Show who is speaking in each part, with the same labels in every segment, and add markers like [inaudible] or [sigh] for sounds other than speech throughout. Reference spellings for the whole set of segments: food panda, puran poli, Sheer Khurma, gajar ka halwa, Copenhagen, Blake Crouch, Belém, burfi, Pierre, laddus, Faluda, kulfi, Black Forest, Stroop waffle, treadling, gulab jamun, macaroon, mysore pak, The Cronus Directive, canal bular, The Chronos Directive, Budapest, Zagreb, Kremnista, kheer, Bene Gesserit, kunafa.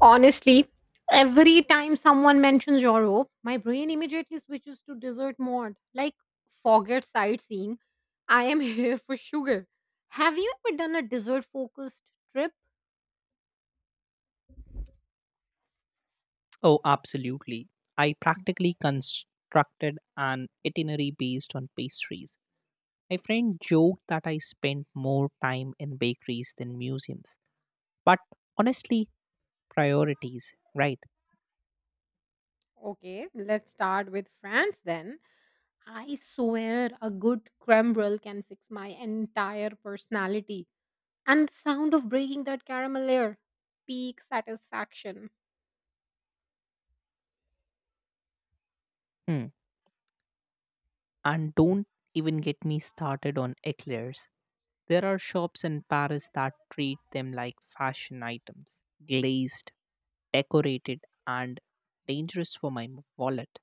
Speaker 1: Honestly, every time someone mentions Europe, my brain immediately switches to dessert mode. Like, forget sightseeing. I am [laughs] here for sugar. Have you ever done a dessert focused trip?
Speaker 2: Oh, absolutely. I practically constructed an itinerary based on pastries. My friend joked that I spent more time in bakeries than museums. But honestly, priorities, right?
Speaker 1: Okay, let's start with France then. I swear a good creme brulee can fix my entire personality. And the sound of breaking that caramel layer, peak satisfaction.
Speaker 2: Hmm. And don't even get me started on eclairs. There are shops in Paris that treat them like fashion items glazed, decorated, and dangerous for my wallet.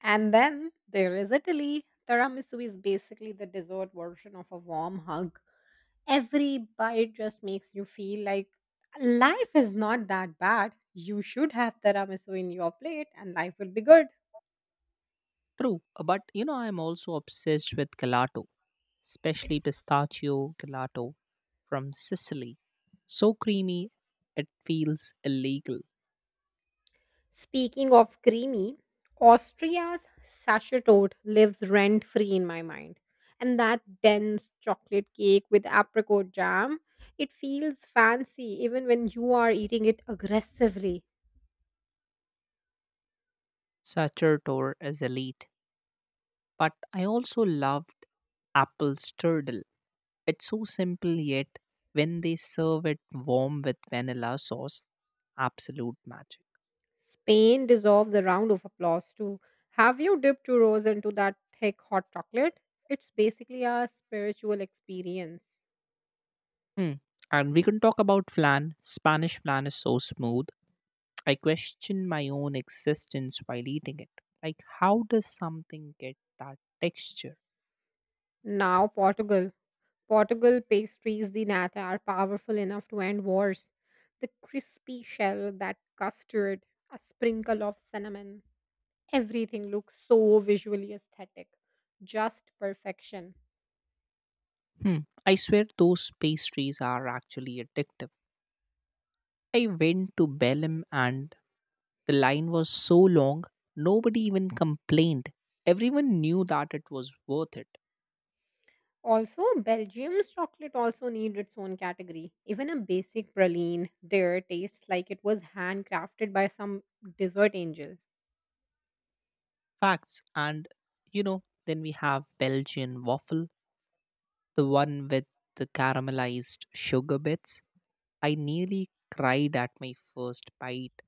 Speaker 1: And then there is Italy. Tiramisu is basically the dessert version of a warm hug. Every bite just makes you feel like life is not that bad. You should have tiramisu in your plate and life will be good.
Speaker 2: True, but I'm also obsessed with gelato, especially pistachio gelato from Sicily. So creamy, it feels illegal.
Speaker 1: Speaking of creamy, Austria's sachet lives rent free in my mind. And that dense chocolate cake with apricot jam, it feels fancy even when you are eating it aggressively.
Speaker 2: Sacerdotor is elite. But I also loved apple strudel. It's so simple, yet when they serve it warm with vanilla sauce, absolute magic.
Speaker 1: Spain deserves a round of applause too. Have you dipped churros into that thick hot chocolate? It's basically a spiritual experience.
Speaker 2: Hmm. And we can talk about flan. Spanish flan is so smooth I question my own existence while eating it. Like, how does something get that texture?
Speaker 1: Now, Portugal. Portugal pastries, the nata, are powerful enough to end wars. The crispy shell, that custard, a sprinkle of cinnamon. Everything looks so visually aesthetic. Just perfection.
Speaker 2: Hmm. I swear those pastries are actually addictive. I went to Belém and the line was so long, nobody even complained. Everyone knew that it was worth it.
Speaker 1: Also, Belgium's chocolate also needs its own category. Even a basic praline there tastes like it was handcrafted by some dessert angel.
Speaker 2: Facts. And, then we have Belgian waffle, the one with the caramelized sugar bits. I nearly cried at my first bite.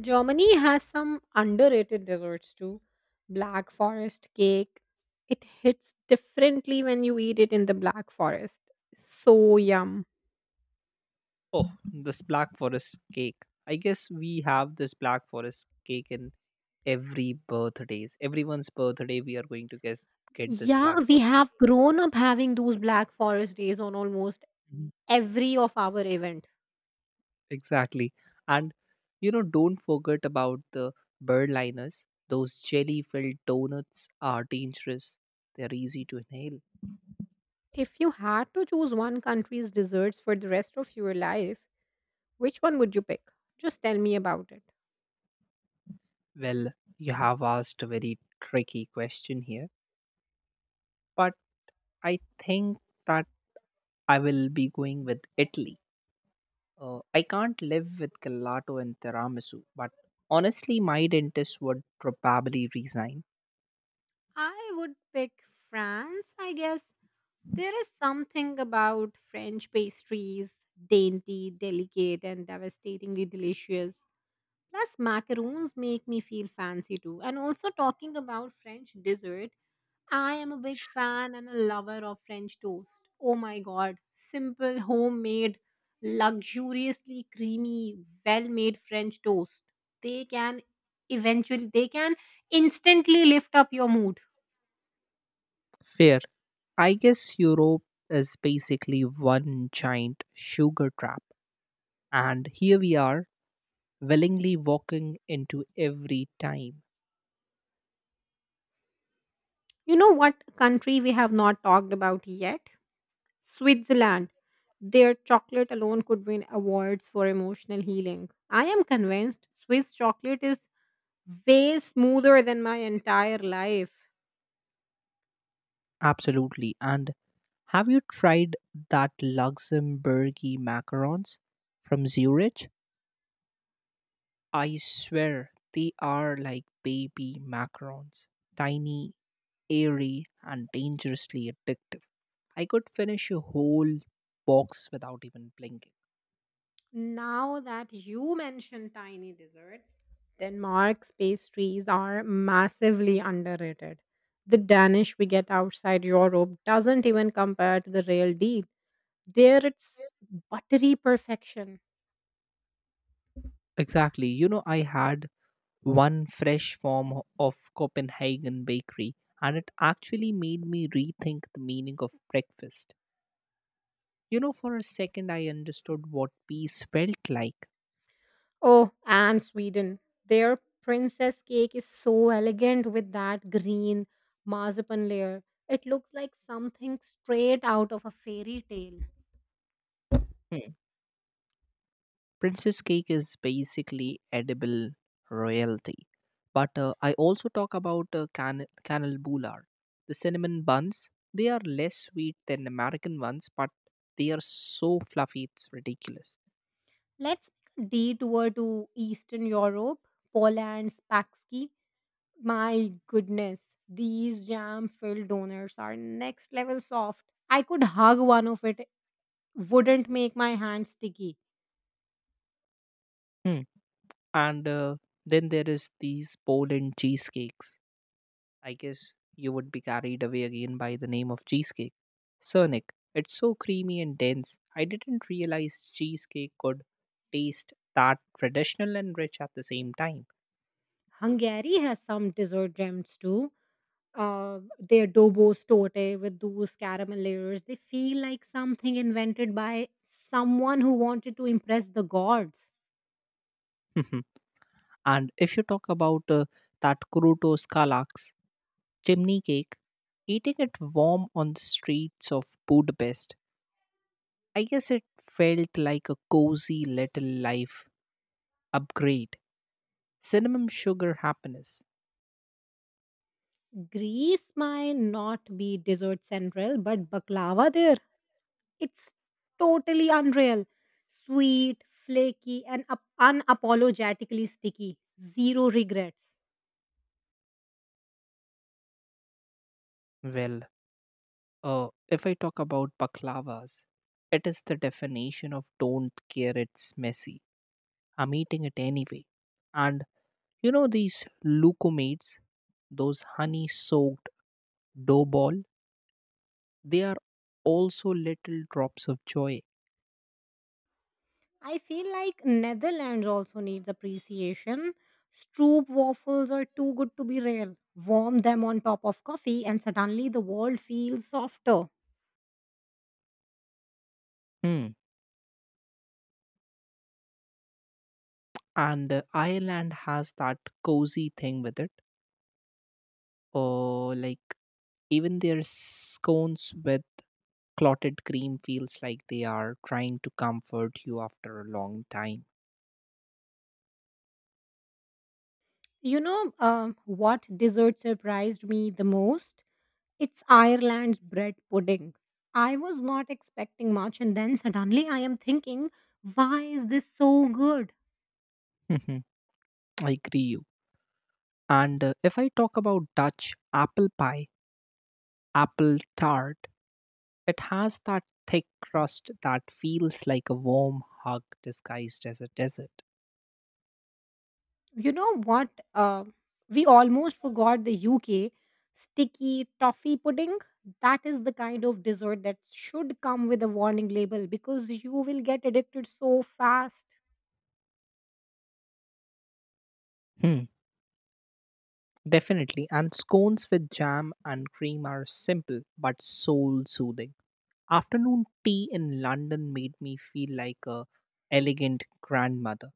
Speaker 1: Germany has some underrated desserts too. Black forest cake. It hits differently when you eat it in the black forest. So yum.
Speaker 2: Oh, this Black Forest cake. I guess we have this Black Forest cake in every birthdays. Everyone's birthday, we are going to get this Black
Speaker 1: Yeah, we
Speaker 2: Forest
Speaker 1: have
Speaker 2: cake.
Speaker 1: grown up having those black forest days on almost
Speaker 2: Mhm.
Speaker 1: every of our event.
Speaker 2: Exactly, and don't forget about the birdliners. Those jelly-filled donuts are dangerous. They're easy to inhale.
Speaker 1: If you had to choose one country's desserts for the rest of your life, which one would you pick? Just tell me about it.
Speaker 2: Well, you have asked a very tricky question here, but I think that I will be going with Italy. I can't live with gelato and tiramisu, but honestly, my dentist would probably resign.
Speaker 1: I would pick France, I guess. There is something about French pastries, dainty, delicate, and devastatingly delicious. Plus, macaroons make me feel fancy too. And also, talking about French dessert, I am a big fan and a lover of French toast. Oh my god, simple, homemade, luxuriously creamy, well made French toast. They can they can instantly lift up your mood.
Speaker 2: Fair. I guess Europe is basically one giant sugar trap, and here we are, willingly walking into every time.
Speaker 1: You know what country we have not talked about yet? Switzerland. Their chocolate alone could win awards for emotional healing. I am convinced Swiss chocolate is way smoother than my entire life.
Speaker 2: Absolutely. And have you tried that Luxembourgy macarons from Zurich? I swear they are like baby macarons, tiny airy, and dangerously addictive. I could finish a whole box without even blinking.
Speaker 1: Now that you mention tiny desserts, Denmark's pastries are massively underrated. The Danish we get outside Europe doesn't even compare to the real deal. There it's buttery perfection.
Speaker 2: Exactly. You know, I had one fresh form of Copenhagen bakery, and it actually made me rethink the meaning of breakfast. You know, for a second, I understood what peace felt like.
Speaker 1: Oh, and Sweden. Their princess cake is so elegant with that green marzipan layer. It looks like something straight out of a fairy tale.
Speaker 2: Princess cake is basically edible royalty. But I also talk about canal bular. The cinnamon buns, they are less sweet than American ones, but they are so fluffy, it's ridiculous.
Speaker 1: Let's make a detour to Eastern Europe, Poland, Spaksky. My goodness, these jam filled donuts are next level soft. I could hug one of it, wouldn't make my hands sticky.
Speaker 2: Hmm. And then there is these Poland cheesecakes. I guess you would be carried away again by the name of cheesecake. Cernic. It's so creamy and dense. I didn't realize cheesecake could taste that traditional and rich at the same time.
Speaker 1: Hungary has some dessert gems too. Their dobo's torte with those caramel layers. They feel like something invented by someone who wanted to impress the gods.
Speaker 2: [laughs] And if you talk about that Kruto Skalax chimney cake, eating it warm on the streets of Budapest, I guess it felt like a cozy little life upgrade. Cinnamon sugar happiness.
Speaker 1: Greece might not be dessert central, but baklava there, it's totally unreal. Sweet, flaky, and unapologetically sticky. Zero regrets.
Speaker 2: Well, if I talk about baklavas, it is the definition of don't care, it's messy. I'm eating it anyway. And these lukumates, those honey soaked dough ball, they are also little drops of joy.
Speaker 1: I feel like Netherlands also needs appreciation. Stroop waffles are too good to be real. Warm them on top of coffee, and suddenly the world feels softer.
Speaker 2: Hmm. And Ireland has that cozy thing with it. Or like even their scones with clotted cream feels like they are trying to comfort you after a long time.
Speaker 1: You know what dessert surprised me the most? It's Ireland's bread pudding. I was not expecting much, and then suddenly I am thinking, why is this so good?
Speaker 2: [laughs] I agree. And if I talk about Dutch apple pie, apple tart, it has that thick crust that feels like a warm hug disguised as a dessert.
Speaker 1: You know what uh, we almost forgot the UK sticky toffee pudding. That is the kind of dessert that should come with a warning label because you will get addicted so fast.
Speaker 2: Hmm, definitely. And scones with jam and cream are simple but soul soothing. Afternoon tea in London made me feel like a elegant grandmother.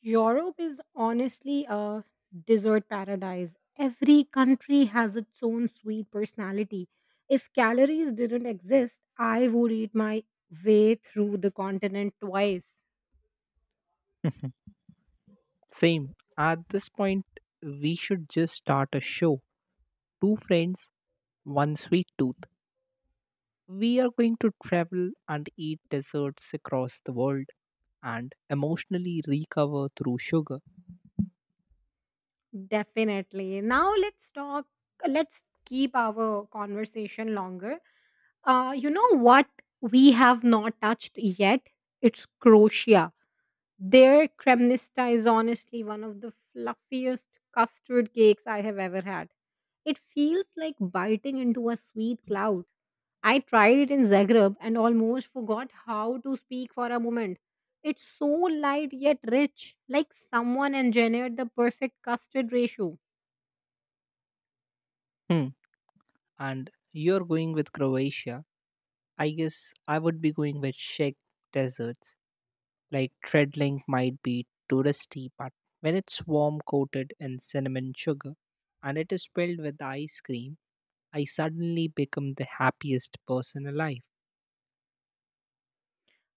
Speaker 1: Europe is honestly a dessert paradise. Every country has its own sweet personality. If calories didn't exist, I would eat my way through the continent twice.
Speaker 2: [laughs] Same. At this point, we should just start a show. Two friends, one sweet tooth. We are going to travel and eat desserts across the world and emotionally recover through sugar.
Speaker 1: Definitely. Now let's keep our conversation longer. You know what we have not touched yet? It's Croatia. Their Kremnista is honestly one of the fluffiest custard cakes I have ever had. It feels like biting into a sweet cloud. I tried it in Zagreb and almost forgot how to speak for a moment. It's so light yet rich, like someone engineered the perfect custard ratio.
Speaker 2: Hmm. And you're going with Croatia. I guess I would be going with Czech deserts. Like treadling might be touristy, but when it's warm coated in cinnamon sugar and it is filled with ice cream, I suddenly become the happiest person alive.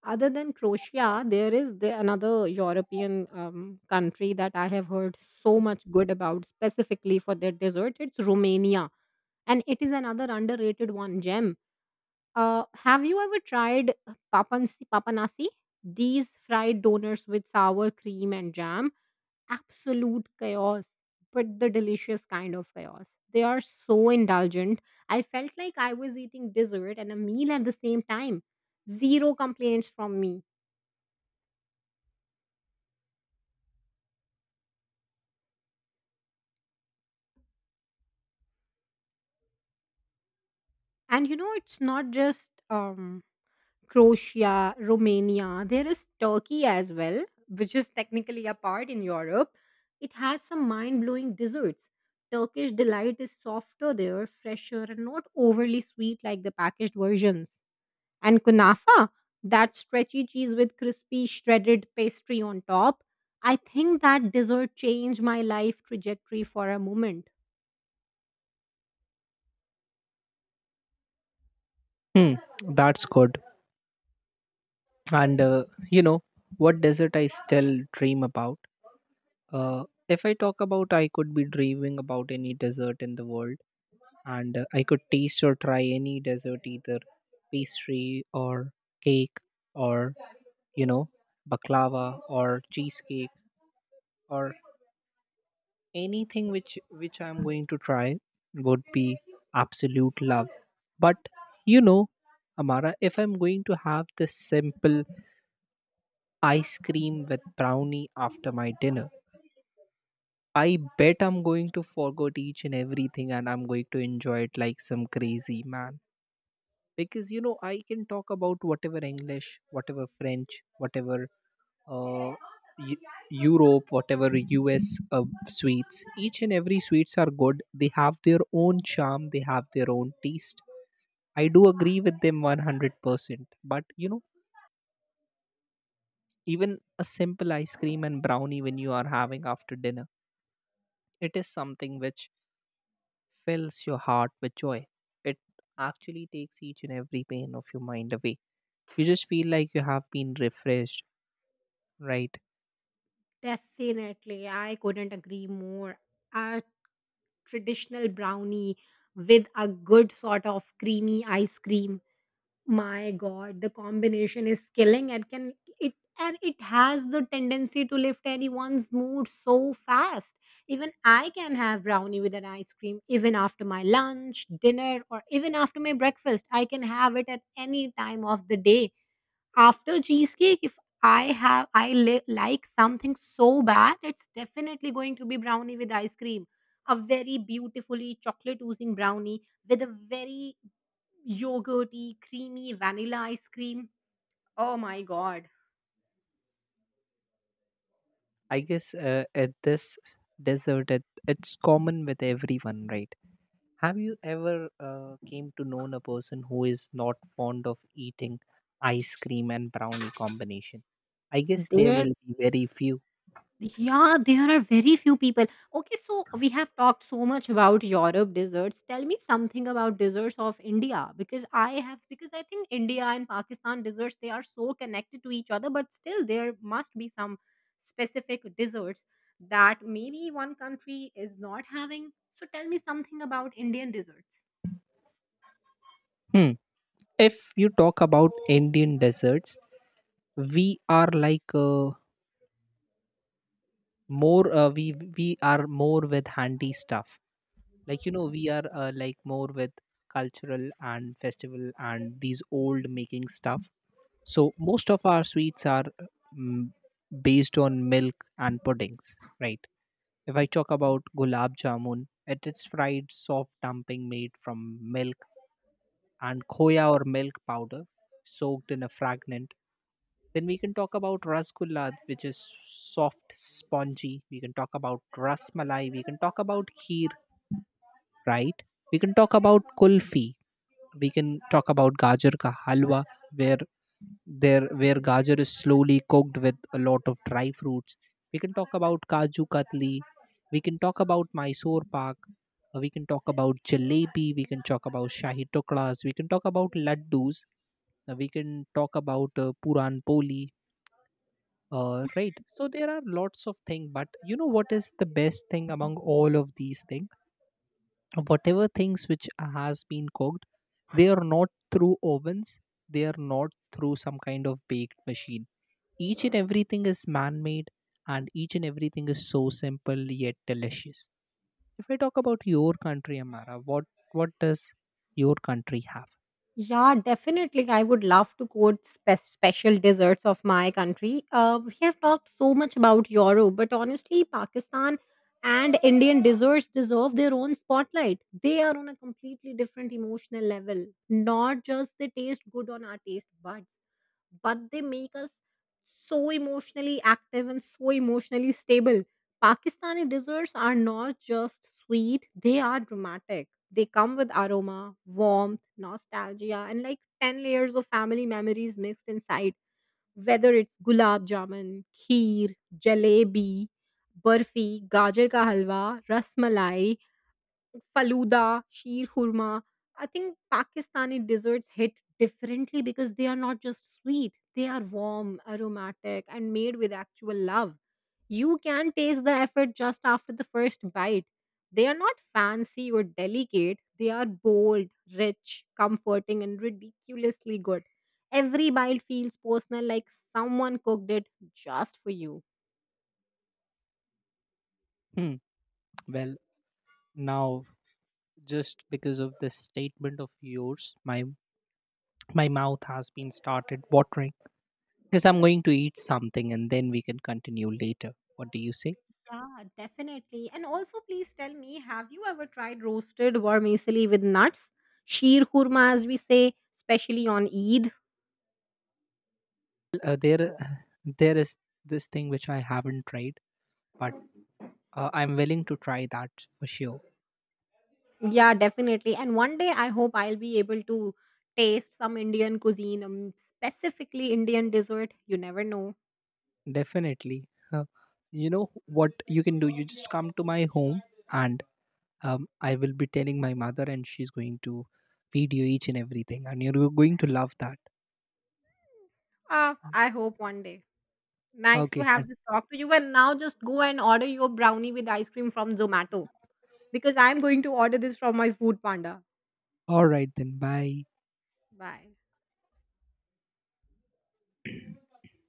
Speaker 1: Other than Croatia, there is another European country that I have heard so much good about, specifically for their dessert. It's Romania, and it is another underrated one gem. Have you ever tried papanasi? These fried donuts with sour cream and jam, absolute chaos, but the delicious kind of chaos. They are so indulgent. I felt like I was eating dessert and a meal at the same time. Zero complaints from me. And you know, it's not just Croatia, Romania, there is Turkey as well, which is technically a part in Europe. It has some mind blowing desserts. Turkish delight is softer there, fresher, and not overly sweet like the packaged versions. And kunafa, that stretchy cheese with crispy shredded pastry on top. I think that dessert changed my life trajectory for a moment.
Speaker 2: Hmm, that's good. And you know what desert I still dream about? Uh, if I talk about, I could be dreaming about any dessert in the world, and I could taste or try any dessert, either pastry or cake, or you know, baklava or cheesecake, or anything which I'm going to try would be absolute love. But you know, Amara, if I'm going to have this simple ice cream with brownie after my dinner. I bet I'm going to forget each and everything and I'm going to enjoy it like some crazy man. Because you know, I can talk about whatever English, whatever French, whatever uh, Eu- Europe, whatever US sweets. Each and every sweets are good. They have their own charm, they have their own taste. I do agree with them 100%. But you know, even a simple ice cream and brownie when you are having after dinner, it is something which fills your heart with joy. It actually takes each and every pain of your mind away. You just feel like you have been refreshed, right?
Speaker 1: Definitely, I couldn't agree more. Our traditional brownie with a good sort of creamy ice cream. My god, the combination is killing. It can it and it has the tendency to lift anyone's mood so fast. Even I can have brownie with an ice cream even after my lunch, dinner or even after my breakfast. I can have it at any time of the day after cheesecake, if I have I li like something so bad, it's definitely going to be brownie with ice cream. A very beautifully chocolate oozing brownie with a very yogurty, creamy vanilla ice cream. Oh my God.
Speaker 2: I guess at this desert, it's common with everyone, right? Have you ever came to know a person who is not fond of eating ice cream and brownie combination? I guess there
Speaker 1: There
Speaker 2: will be very few.
Speaker 1: Yeah, there are very few people. Okay, so we have talked so much about Europe desserts. Tell me something about desserts of India because I think India and Pakistan desserts they are so connected to each other, but still there must be some specific desserts that maybe one country is not having. So tell me something about Indian desserts.
Speaker 2: Hmm. If you talk about Indian desserts, we are like more we are more with handy stuff, like you know we are, like more with cultural and festival and these old making stuff, so most of our sweets are mm, based on milk and puddings, right? If I talk about gulab jamun, it is fried soft dumping made from milk and khoya or milk powder soaked in a fragrant. Then we can talk about rasgulla, which is soft, spongy. We can talk about rasmalai. We can talk about kheer, right? We can talk about kulfi, we can talk about gajar ka halwa, where there where gajar is slowly cooked with a lot of dry fruits. We can talk about kaju katli, we can talk about mysore pak, we can talk about jalebi, we can talk about shahi tukras, we can talk about laddus, we can talk about puran poli, right? So there are lots of things, but you know what is the best thing among all of these things? Whatever things which has been cooked, they are not through ovens, they are not through some kind of baked machine. Each and everything is man made, and each and everything is so simple yet delicious. If I talk about your country, Amara, what does your country have?
Speaker 1: Yeah, definitely. I would love to quote special desserts of my country. We have talked so much about Europe, but honestly, Pakistan and Indian desserts deserve their own spotlight. They are on a completely different emotional level. Not just they taste good on our taste buds, but they make us so emotionally active and so emotionally stable. Pakistani desserts are not just sweet, they are dramatic. They come with aroma, warmth, nostalgia, and like 10 layers of family memories mixed inside. Whether it's gulab jamun, kheer, jalebi, burfi, gajar ka halwa, rasmalai, Faluda, Sheer Khurma. I think Pakistani desserts hit differently because they are not just sweet, they are warm, aromatic, and made with actual love. You can taste the effort just after the first bite. They are not fancy or delicate, they are bold, rich, comforting, and ridiculously good. Every bite feels personal, like someone cooked it just for you.
Speaker 2: Hmm. Well, now just because of this statement of yours, my mouth has been started watering, because I'm going to eat something and then we can continue later. What do you say?
Speaker 1: Yeah, definitely. And also, please tell me, have you ever tried roasted vermicelli with nuts? Sheer kurma, as we say, especially on Eid.
Speaker 2: Uh, there there is this thing which I haven't tried, but I'm willing to try that for sure.
Speaker 1: Yeah, definitely. And one day, I hope I'll be able to taste some Indian cuisine, specifically Indian dessert. You never know.
Speaker 2: Definitely. You know what you can do? You just come to my home, and I will be telling my mother, and she's going to feed you each and everything, and you're going to love that.
Speaker 1: Ah, I hope one day. Nice to
Speaker 2: Okay.
Speaker 1: have
Speaker 2: And
Speaker 1: this talk to you. And now, just go and order your brownie with ice cream from Zomato because I'm going to order this from my food panda.
Speaker 2: all right then. Bye.
Speaker 1: Bye.